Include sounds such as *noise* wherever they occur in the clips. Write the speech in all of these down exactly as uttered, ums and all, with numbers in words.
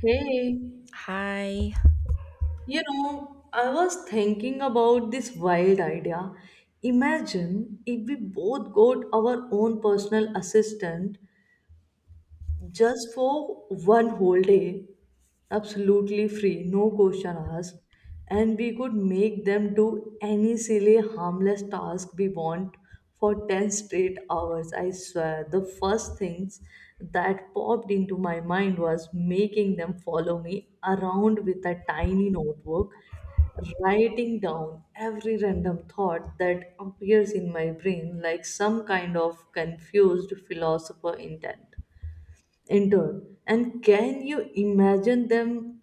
Hey, Hi. Oh my god, you know, I was thinking about this wild idea. Imagine if we both got our own personal assistant just for one whole day, absolutely free, no question asked, and we could make them do any silly, harmless task we want for ten straight hours. I swear, the first things that popped into my mind was making them follow me around with a tiny notebook writing down every random thought that appears in my brain like some kind of confused philosopher intent entered. And can you imagine them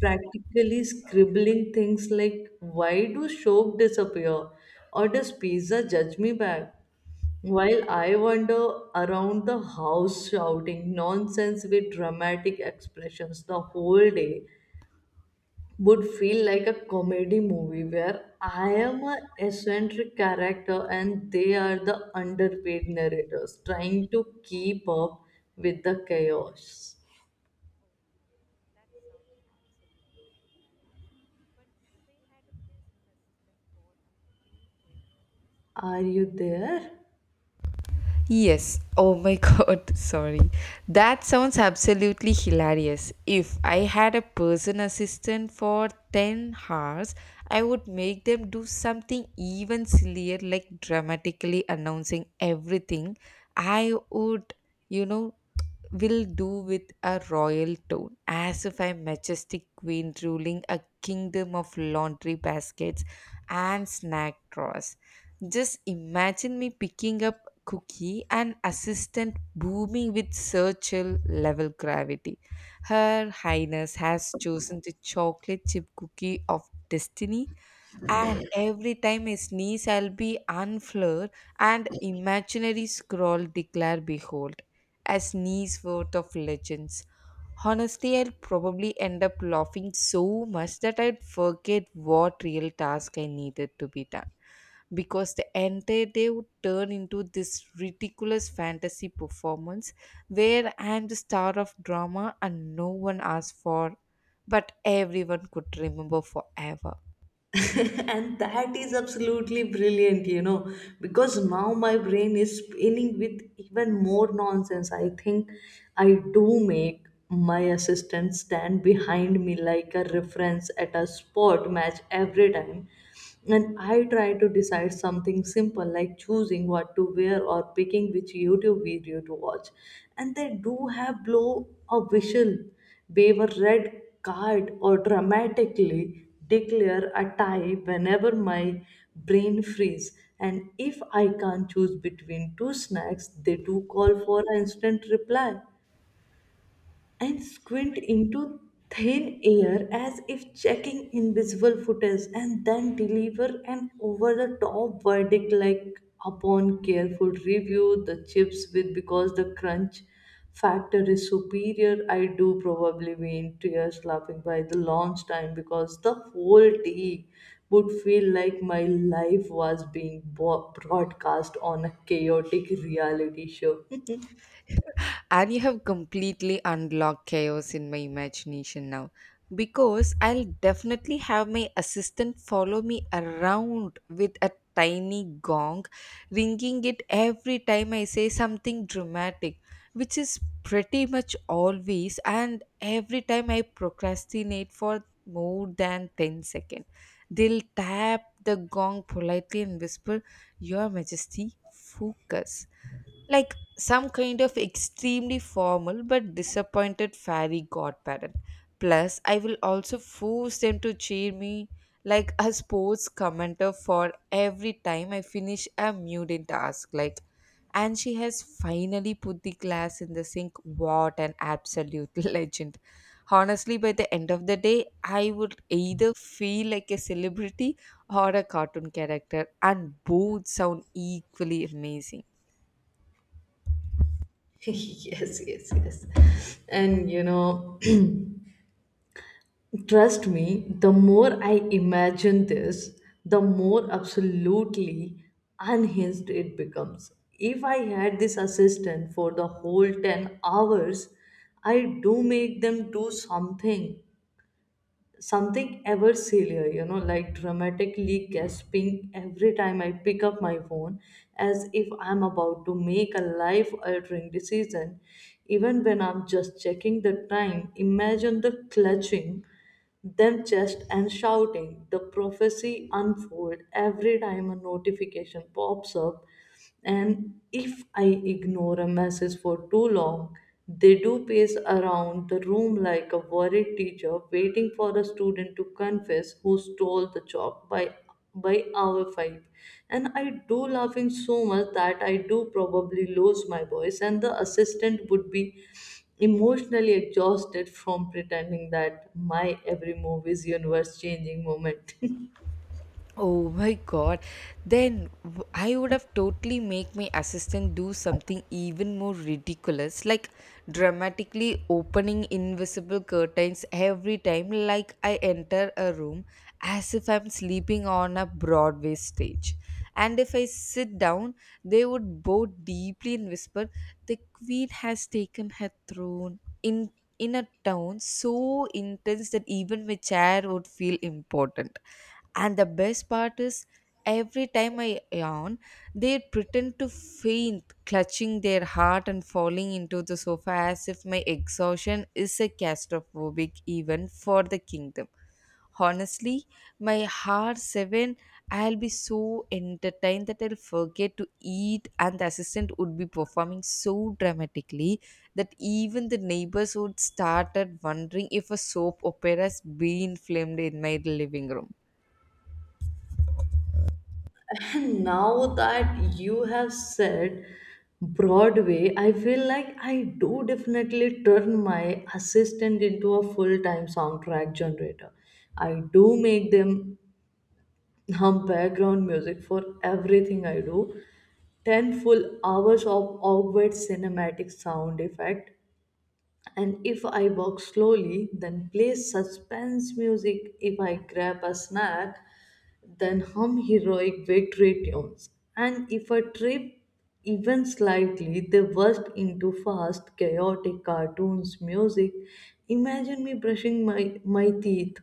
practically scribbling things like, why do soap disappear? Or does pizza judge me back? While I wander around the house shouting nonsense with dramatic expressions, the whole day would feel like a comedy movie where I am a eccentric character and they are the underpaid narrators trying to keep up with the chaos. that sounds absolutely hilarious. But if I had a personal assistant for a full ten hours... Are you there? Yes. Oh my *laughs* god. Sorry. That sounds absolutely hilarious. If I had a person assistant for ten hours, I would make them do something even sillier like dramatically announcing everything. I would, you know. Will do with a royal tone, as if a majestic queen ruling a kingdom of laundry baskets and snack drawers. Just imagine me picking up Cookie, an assistant booming with Churchill level gravity. Her Highness has chosen the chocolate chip cookie of destiny, and every time I sneeze, I'll be unfloored and imaginary scroll declare behold. A sneeze worth of legends. Honestly, I'll probably end up laughing so much that I'd forget what real task I needed to be done, because the entire day would turn into this ridiculous fantasy performance where I'm the star of drama and no one asked for, but everyone could remember forever. *laughs* And that is absolutely brilliant, you know, because now my brain is spinning with even more nonsense. I think I do make my assistant stand behind me like a reference at a sport match every time. And I try to decide something simple like choosing what to wear or picking which YouTube video to watch, and they do have blow a whistle, wave a red card, or dramatically declare a tie whenever my brain frees. And if I can't choose between two snacks, they do call for an instant reply and squint into thin air as if checking invisible footage and then deliver an over the top verdict like, upon careful review, the chips with because the crunch factor is superior. I do probably be in tears laughing by the launch time because the whole day would feel like my life was being bo- broadcast on a chaotic reality show. And you have completely unlocked chaos in my imagination now, because I'll definitely have my assistant follow me around with a tiny gong, ringing it every time I say something dramatic, which is pretty much always, and every time I procrastinate for more than ten seconds. They'll tap the gong politely and whisper, "Your Majesty, focus," like some kind of extremely formal but disappointed fairy godparent. Plus, I will also force them to cheer me like a sports commenter for every time I finish a mundane task. Like, and she has finally put the glass in the sink. What an absolute *laughs* legend! Honestly, by the end of the day, I would either feel like a celebrity or a cartoon character, and both sound equally amazing. *laughs* Yes, yes, yes. And you know, *clears throat* trust me, the more I imagine this, the more absolutely unhinged it becomes. If I had this assistant for the whole ten hours, I do make them do something something ever sillier, you know, like dramatically gasping every time I pick up my phone as if I'm about to make a life altering decision, even when I'm just checking the time. Imagine the clutching them chest and shouting the prophecy unfold every time a notification pops up. And if I ignore a message for too long, they do pace around the room like a worried teacher waiting for a student to confess who stole the chalk, by by hour five. And I do laughing so much that I do probably lose my voice, and the assistant would be emotionally exhausted from pretending that my every move is universe changing moment. *laughs* Oh my god. Then w- I would have totally make my assistant do something even more ridiculous like dramatically opening invisible curtains every time like I enter a room as if I'm sleeping on a Broadway stage. And if I sit down, they would bow deeply and whisper, "The queen has taken her throne." In in a tone so intense that even my chair would feel important. And the best part is, every time I yawn, they pretend to faint, clutching their heart and falling into the sofa as if my exhaustion is a catastrophic event for the kingdom. Honestly, my heart seven, I'll be so entertained that I'll forget to eat, and the assistant would be performing so dramatically that even the neighbors would started wondering if a soap opera's been filmed in my living room. Now that you have said Broadway, I feel like I do definitely turn my assistant into a full time soundtrack generator. I do make them hum background music for everything I do. ten full hours of awkward cinematic sound effect. And if I walk slowly, then play suspense music. If I grab a snack, than hum heroic victory tunes. And if I trip even slightly, they burst into fast, chaotic cartoons music. Imagine me brushing my, my teeth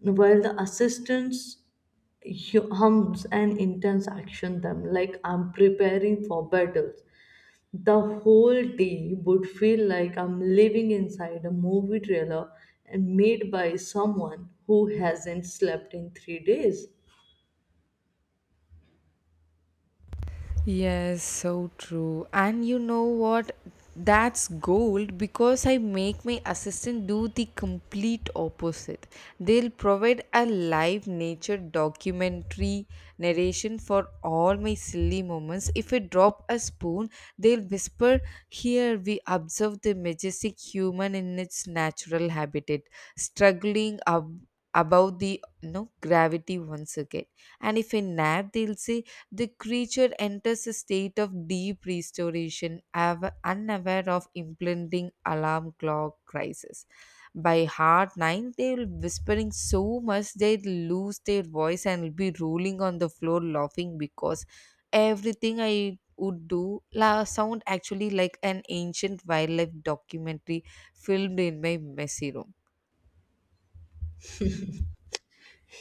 while the assistants hu- hums and intense action them like I'm preparing for battles. The whole day would feel like I'm living inside a movie trailer and made by someone who hasn't slept in three days. Yes, so true. And you know what? That's gold, because I make my assistant do the complete opposite. They'll provide a live nature documentary narration for all my silly moments. If I drop a spoon, they'll whisper, "Here we observe the majestic human in its natural habitat, struggling ab- about the no gravity once again." And if I nap, they'll say, "The creature enters a state of deep restoration, av- unaware of impending alarm clock crisis." By hard nine, they will whispering so much they lose their voice and will be rolling on the floor laughing because everything I would do la- sound actually like an ancient wildlife documentary filmed in my messy room.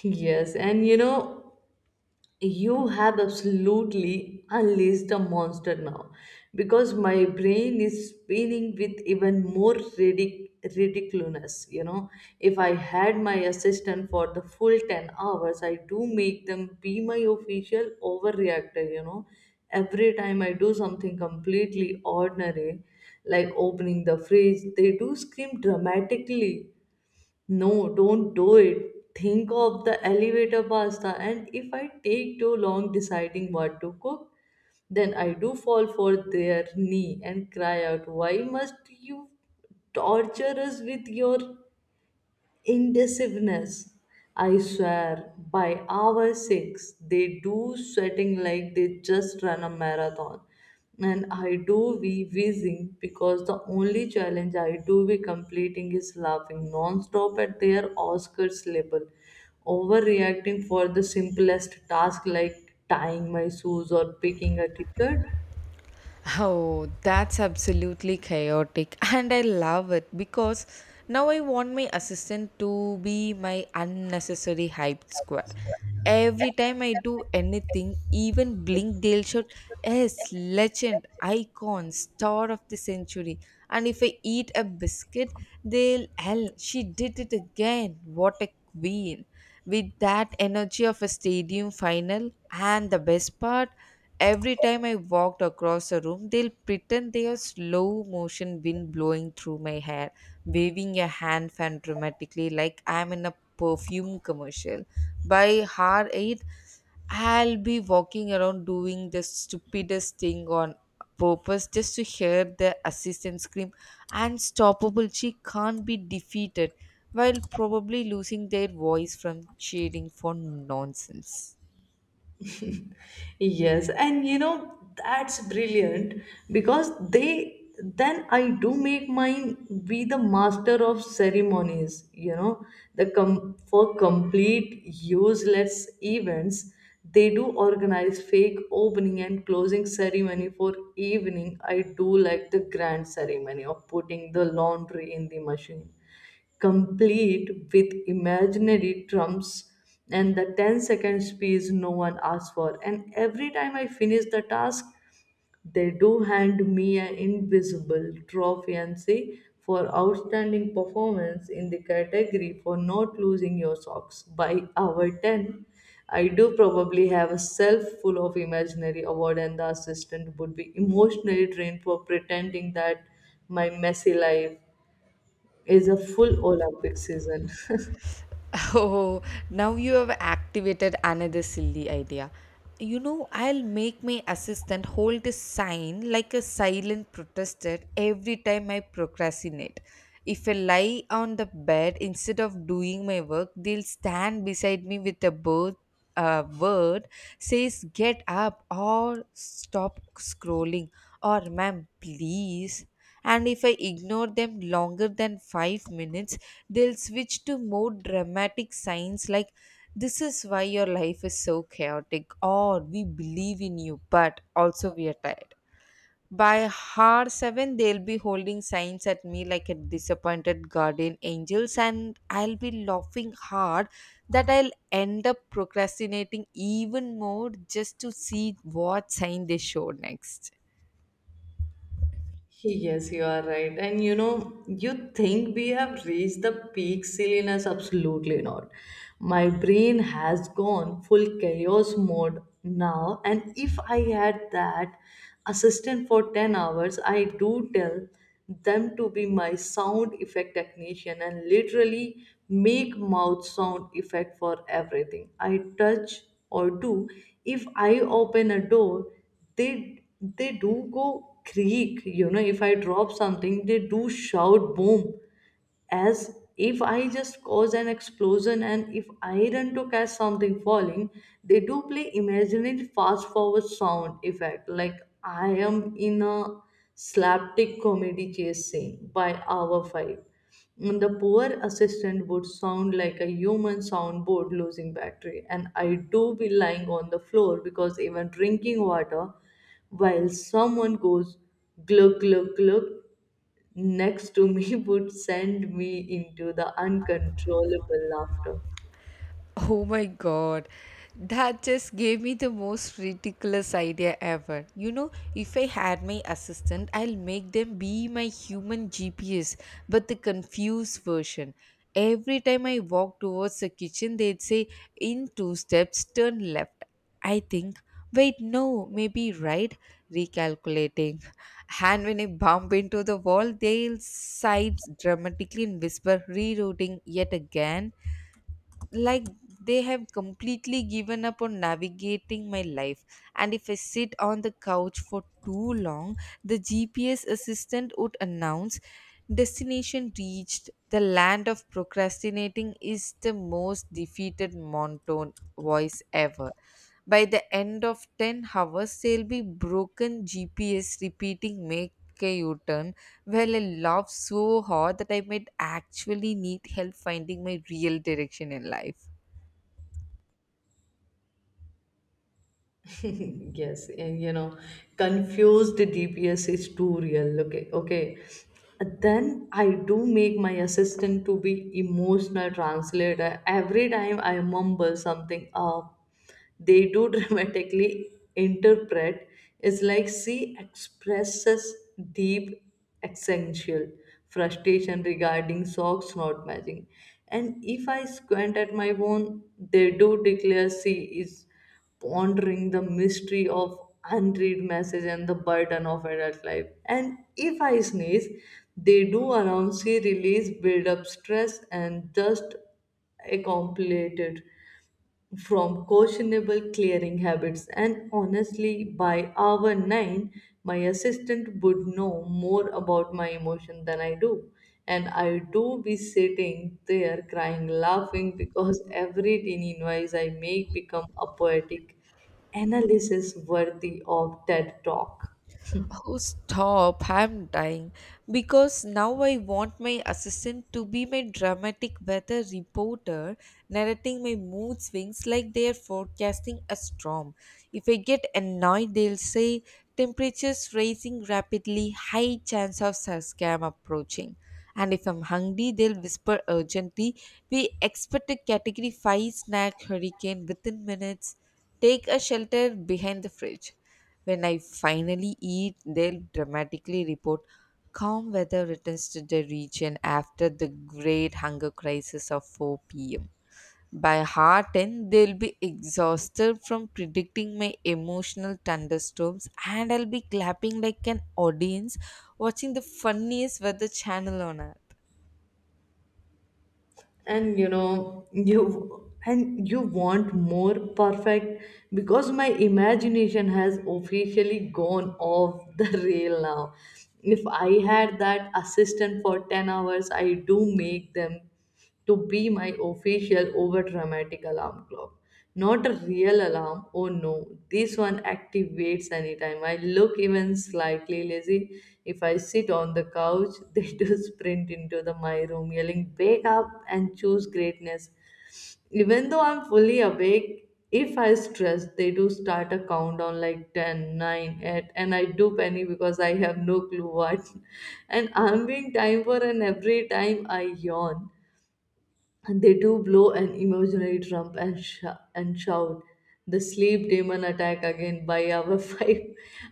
Yes, and you know, you have absolutely unleashed a monster now because my brain is spinning with even more ridic- ridiculousness. You know, if I had my assistant for the full ten hours, I do make them be my official overreactor. You know, every time I do something completely ordinary, like opening the fridge, they do scream dramatically, no, don't do it. Think of the elevator pasta. And if I take too long deciding what to cook, then I do fall for their knee and cry out, why must you torture us with your indecisiveness? I swear, by hour six, they do sweating like they just run a marathon. And I do be wheezing because the only challenge I do be completing is laughing non-stop at their Oscars label, overreacting for the simplest task like tying my shoes or picking a ticket. Oh, that's absolutely chaotic, *laughs* and I love it because now I want my assistant to be my unnecessary hype squad. Every time I do anything, even blink, they'll shout, "Yes, legend, icon, star of the century." And if I eat a biscuit, they'll, "Hell, she did it again. What a queen." With that energy of a stadium final. And the best part, every time I walked across a room, they'll pretend they are slow motion wind blowing through my hair, waving a hand fan dramatically like I'm in a perfume commercial. By hour eight, I'll be walking around doing the stupidest thing on purpose just to hear the assistant scream, "Unstoppable, she can't be defeated," while probably losing their voice from cheering for nonsense. Yes, and you know that's brilliant because they then I do make mine be the master of ceremonies, you know, the com- for complete useless events. They do organize fake opening and closing ceremony for evening. I do like the grand ceremony of putting the laundry in the machine, complete with imaginary drums and the ten-second speech no one asks for. And every time I finish the task, they do hand me an invisible trophy and say, for outstanding performance in the category for not losing your socks, by hour ten. I do probably have a self full of imaginary award, and the assistant would be emotionally drained for pretending that my messy life is a full Olympic season. *laughs* *laughs* Oh, now you have activated another silly idea. You know, I'll make my assistant hold a sign like a silent protester every time I procrastinate. If I lie on the bed instead of doing my work, they'll stand beside me with a bird, a word says get up or stop scrolling or ma'am please. And if I ignore them longer than five minutes, they'll switch to more dramatic signs like, "This is why your life is so chaotic," or, "We believe in you, but also we are tired." By hour seven, they'll be holding signs at me like a disappointed guardian angels, and I'll be laughing hard that I'll end up procrastinating even more just to see what sign they show next. Yes, you are right. And you know, you think we have reached the peak silliness? Absolutely not. My brain has gone full chaos mode now. And if I had that assistant for ten hours, I do tell them to be my sound effect technician and literally make mouth sound effect for everything I touch or do. If I open a door, they they do go creak, you know. If I drop something, they do shout boom as if I just cause an explosion. And if I run to catch something falling, they do play imaginary fast forward sound effect like I am in a slapstick comedy chase scene. By hour five, And the poor assistant would sound like a human soundboard losing battery, and I do be lying on the floor because even drinking water while someone goes glug glug glug next to me *laughs* would send me into the uncontrollable laughter. Oh my god, that just gave me the most ridiculous idea ever. You know, if I had my assistant, I'll make them be my human G P S, but the confused version. Every time I walk towards the kitchen, they'd say, "In two steps, turn left. I think, wait, no, maybe right, recalculating." And when I bump into the wall, they'll sides dramatically and whisper, "Rerouting yet again," like they have completely given up on navigating my life. And if I sit on the couch for too long, the GPS assistant would announce, "Destination reached, the land of procrastinating," is the most defeated monotone voice ever. By the end of ten hours, there'll be broken G P S repeating, "Make a U-turn." Well, I laughed so hard that I might actually need help finding my real direction in life. *laughs* Yes, and you know, confused D P S is too real. Okay, okay. Then I do make my assistant to be emotional translator. Every time I mumble something up, they do *laughs* dramatically interpret. It's like, she expresses deep essential frustration regarding socks not matching. And if I squint at my phone, they do declare she is pondering the mystery of unread message and the burden of adult life. And if I sneeze, they do announce see release, build up stress, and just accumulate it from questionable clearing habits. And honestly, by hour nine, my assistant would know more about my emotion than I do, and I do be sitting there crying laughing because *laughs* every teeny noise I make become a poetic analysis worthy of Ted talk. Oh, stop. I'm dying. Because now I want my assistant to be my dramatic weather reporter, narrating my mood swings like they are forecasting a storm. If I get annoyed, they'll say, "Temperatures rising rapidly, high chance of scam approaching." And if I'm hungry, they'll whisper urgently, "We expect a category five snack hurricane within minutes. Take a shelter behind the fridge." When I finally eat, they'll dramatically report, "Calm weather returns to the region after the great hunger crisis of four p m." By half ten, they'll be exhausted from predicting my emotional thunderstorms, and I'll be clapping like an audience watching the funniest weather channel on earth. And you know, you and you want more, perfect, because my imagination has officially gone off the *laughs* rail now. If I had that assistant for ten hours, I do make them to be my official over dramatic alarm clock. Not a real alarm. Oh no, this one activates anytime I look even slightly lazy. If I sit on the couch, *laughs* they do sprint into the my room yelling, wake up and choose greatness. Even though I'm fully awake, if I stress, they do start a countdown like ten, nine, eight, and I do panic because I have no clue what. *laughs* And I'm being time for. And every time I yawn, they do blow an imaginary trump, and, sh- and shout, the sleep demon attack again. By our *laughs* five,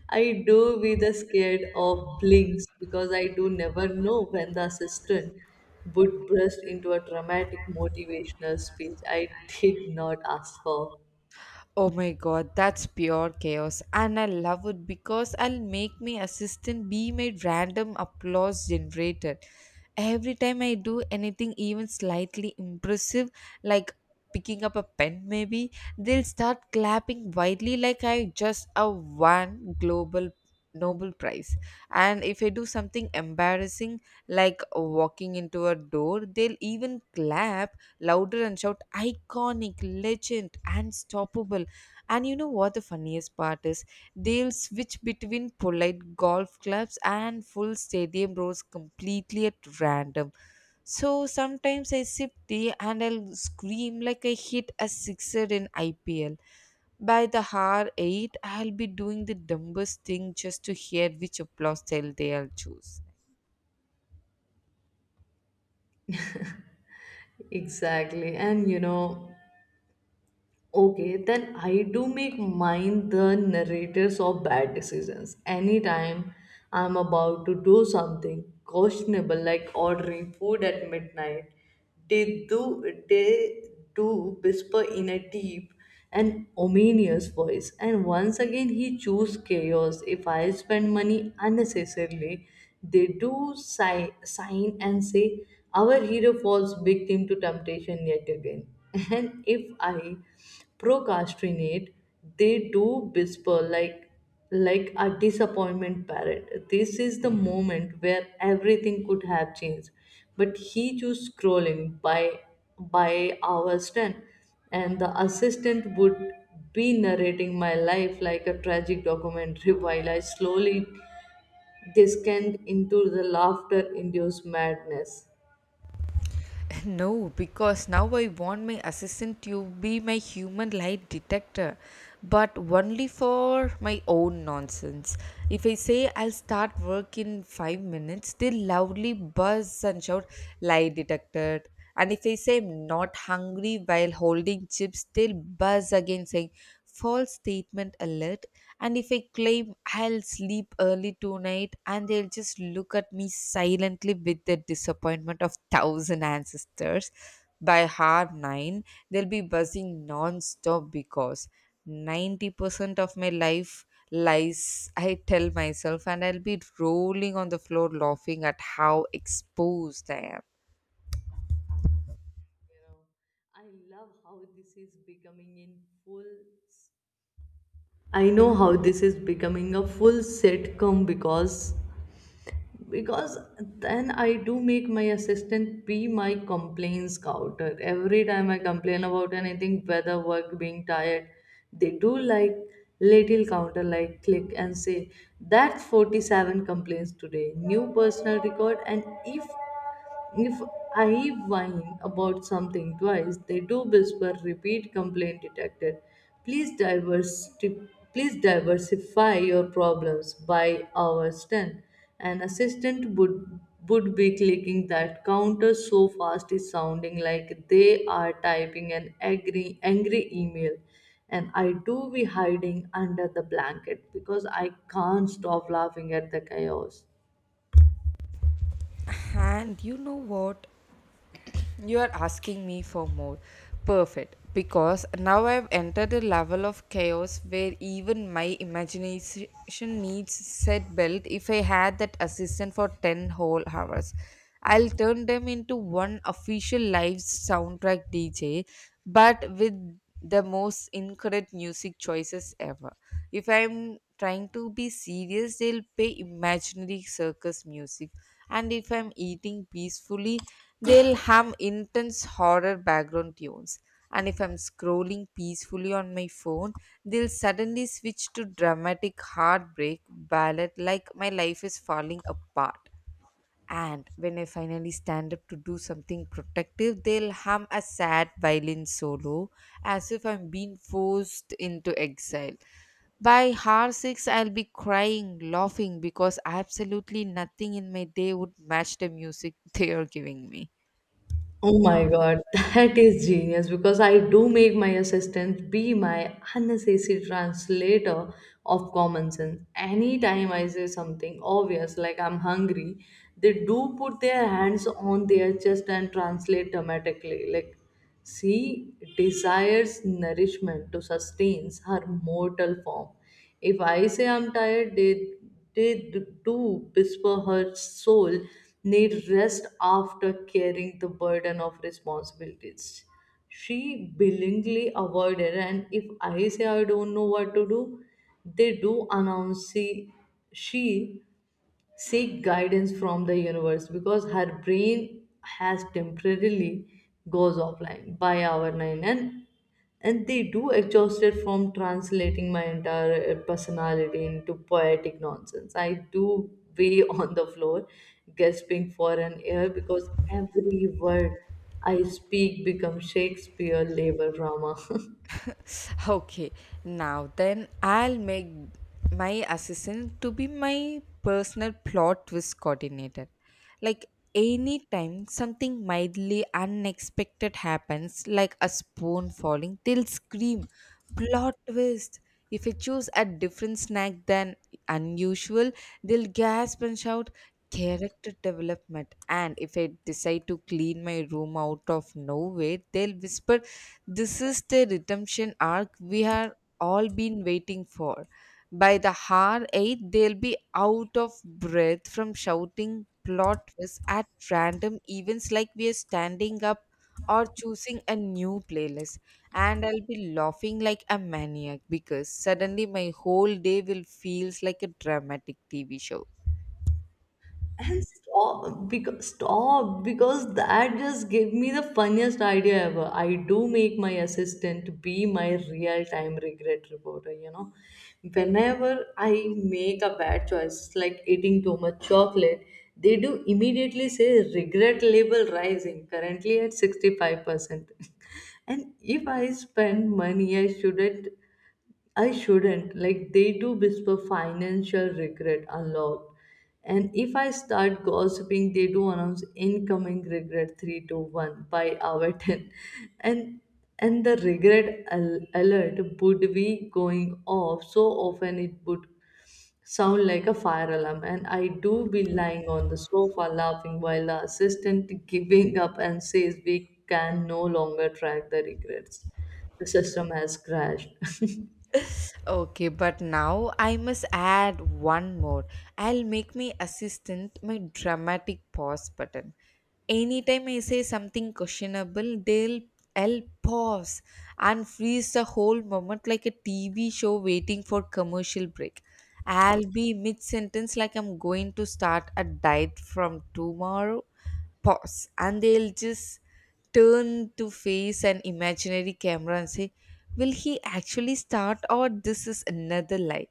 I do be the scared of blinks because I do never know when the assistant would burst into a dramatic motivational speech I did not ask for. Oh my god, that's pure chaos, and I love it because I'll make my assistant be my random applause generator. Every time I do anything even slightly impressive, like picking up a pen, maybe they'll start clapping wildly like I just a won global Nobel Prize. And if I do something embarrassing, like walking into a door, they'll even clap louder and shout, "Iconic, legend, unstoppable." And you know what the funniest part is? They'll switch between polite golf clubs and full stadium rows completely at random. So sometimes I sip tea and I'll scream like I hit a sixer in I P L. By the hour eight, I'll be doing the dumbest thing just to hear which applause style they'll choose. Exactly. And you know, okay, then I do make mine the narrators of bad decisions. Anytime I'm about to do something questionable, like ordering food at midnight, they do they do whisper in a deep and ominous voice, and once again, he choose chaos. If I spend money unnecessarily, they do sigh, sign and say, "Our hero falls victim to temptation yet again." *laughs* And if I procrastinate, they do whisper like like a disappointment parrot, this is the moment where everything could have changed but he chose scrolling. By by hours ten, and the assistant would be narrating my life like a tragic documentary *laughs* while I slowly descend into the laughter induced madness. *laughs* No, because now I want my assistant to be my human lie detector, but only for my own nonsense. If I say I'll start work in five minutes, they loudly buzz and shout, "Lie detected." And if I say I'm not hungry while holding chips, they'll buzz again saying, "False statement alert." And if I claim I'll sleep early tonight, and they'll just look at me silently with the disappointment of thousand ancestors. By half nine, they'll be buzzing non-stop because ninety percent of my life lies I tell myself, and I'll be rolling on the floor laughing at how exposed I am. You know, I love how this is becoming in full I know how this is becoming a full sitcom because because then I do make my assistant be my complaints counter. Every time I complain about anything, whether work being tired, they do like little counter like click and say that forty-seven complaints today, new personal record. And if if I whine about something twice, they do whisper repeat complaint detected. Please diversity, please diversify your problems. By hours ten, an assistant would would be clicking that counter so fast is sounding like they are typing an angry angry email, and I do be hiding under the blanket because I can't stop laughing at the chaos. And you know what? You are asking me for more. Perfect. Because now I've entered a level of chaos where even my imagination needs set belt. If I had that assistant for ten whole hours, I'll turn them into one official live soundtrack D J, but with the most incorrect music choices ever. If I'm trying to be serious, they'll play imaginary circus music. And if I'm eating peacefully, they'll have intense horror background tunes. And if I'm scrolling peacefully on my phone, they'll suddenly switch to dramatic heartbreak ballad like my life is falling apart. And when I finally stand up to do something protective, they'll hum a sad violin solo as if I'm being forced into exile. By hour six, I'll be crying, laughing, because absolutely nothing in my day would match the music *laughs* they are giving me. Oh my God, *laughs* that is genius because I do make my assistant be my unnecessary translator of common sense. Anytime I say something obvious like I'm hungry, they do put their hands on their chest and translate dramatically, like she desires nourishment to sustain her mortal form. If I say I'm tired, they, they do whisper her soul need rest after carrying the burden of responsibilities she willingly avoided. And if I say I don't know what to do, they do announce she, she seek guidance from the universe because her brain has temporarily goes offline. By hour nine and and they do exhausted from translating my entire uh, personality into poetic nonsense, I do weigh *laughs* on the floor gasping for an air because every word I speak becomes Shakespeare labor drama. *laughs* *laughs* Okay, now then I'll make my assistant to be my personal plot twist coordinator. Like anytime something mildly unexpected happens, like a spoon falling, they'll scream, "Plot twist." If you choose a different snack than unusual, they'll gasp and shout, "Character development." And if I decide to clean my room out of nowhere, they'll whisper, "This is the redemption arc we have all been waiting for." By the hour eight, they'll be out of breath from shouting plot twists at random events like we are standing up or choosing a new playlist. And I'll be laughing like a maniac because suddenly my whole day will feels like a dramatic T V show. And stop because stop because that just gave me the funniest idea ever. I do make my assistant be my real time regret reporter, you know. Whenever I make a bad choice, like eating too much chocolate, they do immediately say regret level rising, currently at sixty-five percent. *laughs* And if I spend money I shouldn't I shouldn't. Like they do whisper financial regret unlocked. And if I start gossiping, they do announce incoming regret three to one by hour *laughs* ten. And and the regret al- alert would be going off so often it would sound like a fire alarm. And I do be lying on the sofa laughing while the assistant giving up and says we can no longer track the regrets. The system has crashed. *laughs* Okay, but now I must add one more. I'll make my assistant my dramatic pause button. Anytime I say something questionable, they'll I'll pause and freeze the whole moment like a T V show waiting for commercial break. I'll be mid sentence like, "I'm going to start a diet from tomorrow." Pause, and they'll just turn to face an imaginary camera and say, "Will he actually start or this is another lie?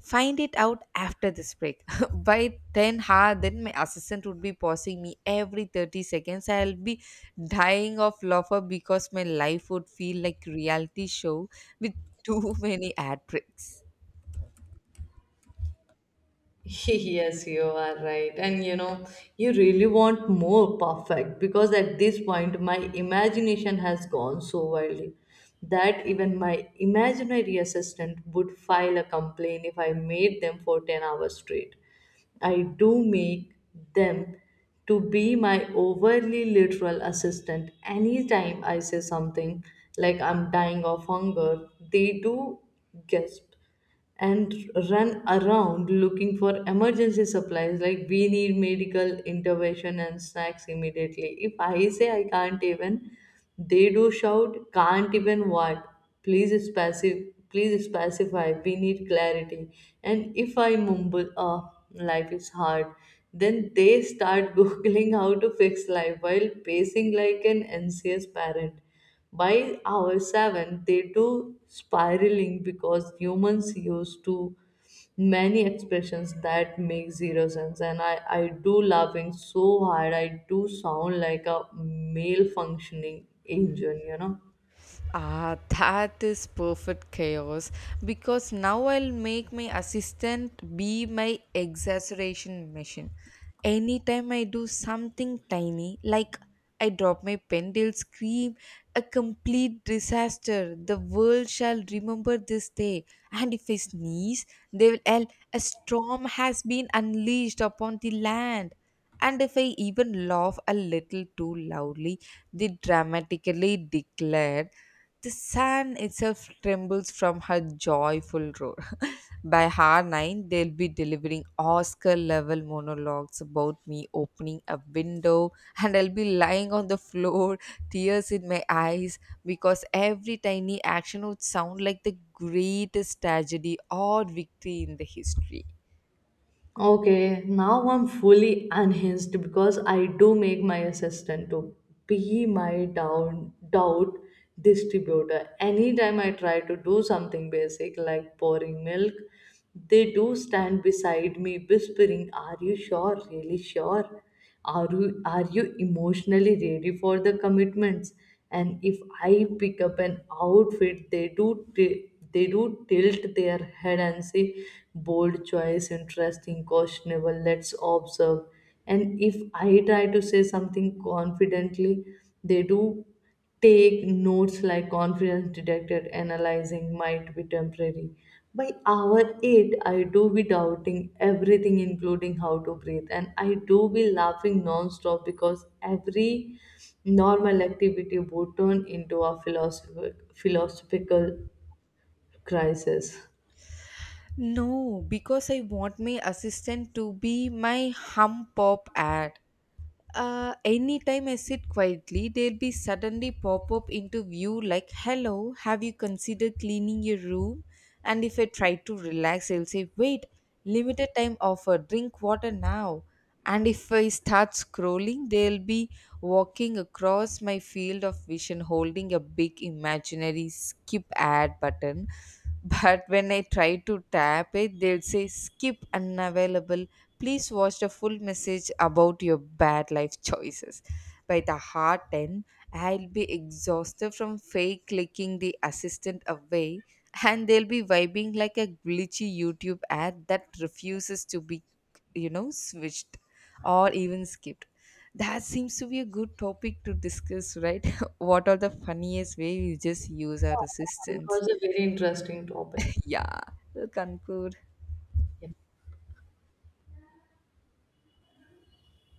Find it out after this break." *laughs* By ten ha, then my assistant would be pausing me every thirty seconds. I'll be dying of laughter because my life would feel like reality show with too *laughs* many ad breaks. *laughs* Yes, you are right. And you know, you really want more perfect because at this point my imagination has gone so wildly that even my imaginary assistant would file a complaint if I made them for ten hours straight. I do make them to be my overly literal assistant. Anytime I say something like I'm dying of hunger, they do gasp and run around looking for emergency supplies like we need medical intervention and snacks immediately. If I say I can't even, they do shout can't even what, please specify please specify, we need clarity. And if I mumble oh life is hard, then they start *laughs* googling how to fix life while pacing like an anxious parent. By hour seven, they do spiraling because humans use too many expressions that make zero sense. And I, I do laughing so hard, I do sound like a malfunctioning engine, you know. Ah, that is perfect chaos because now I'll make my assistant be my exaggeration machine. Anytime I do something tiny, like I drop my pen, they'll scream, "A complete disaster. The world shall remember this day." And if I sneeze, they will yell, "A storm has been unleashed upon the land." And if I even laugh a little too loudly, they dramatically declare, "The sand itself trembles from her joyful roar." *laughs* By hour nine, they'll be delivering Oscar level monologues about me opening a window, *laughs* and I'll be lying on the floor, tears in my eyes, because every tiny action would sound like the greatest tragedy or victory in the history. Okay, now I'm fully unhinged because I do make my assistant to be my down doubt distributor. Anytime I try to do something basic like pouring milk, they do stand beside me whispering, are you sure? Really sure? Are you, are you emotionally ready for the commitments? And if I pick up an outfit, they do t- they do tilt their head and say, bold choice, interesting, questionable, let's observe. And if I try to say something confidently, they do take notes like confidence detected, analyzing might be temporary. By hour eight, I do be doubting everything, including how to breathe, and I do be laughing non-stop because every normal activity would turn into a philosophic, philosophical crisis. No, because I want my assistant to be my hum pop ad. Uh, anytime I sit quietly, they'll be suddenly pop up into view like, "Hello, have you considered cleaning your room?" And if I try to relax, they'll say, "Wait, limited time offer, drink water now." And if I start scrolling, they'll be walking across my field of vision holding a big imaginary skip ad button, but when I try to tap it, they'll say, "Skip unavailable. Please watch the full message about your bad life choices." By the heart end, I'll be exhausted from fake clicking the assistant away, and they'll be vibing like a glitchy YouTube ad that refuses to be, you know, switched or even skipped. That seems to be a good topic to discuss, right? *laughs* What are the funniest way we just use our It assistants? was a very interesting topic. Yeah, to conclude, Yeah.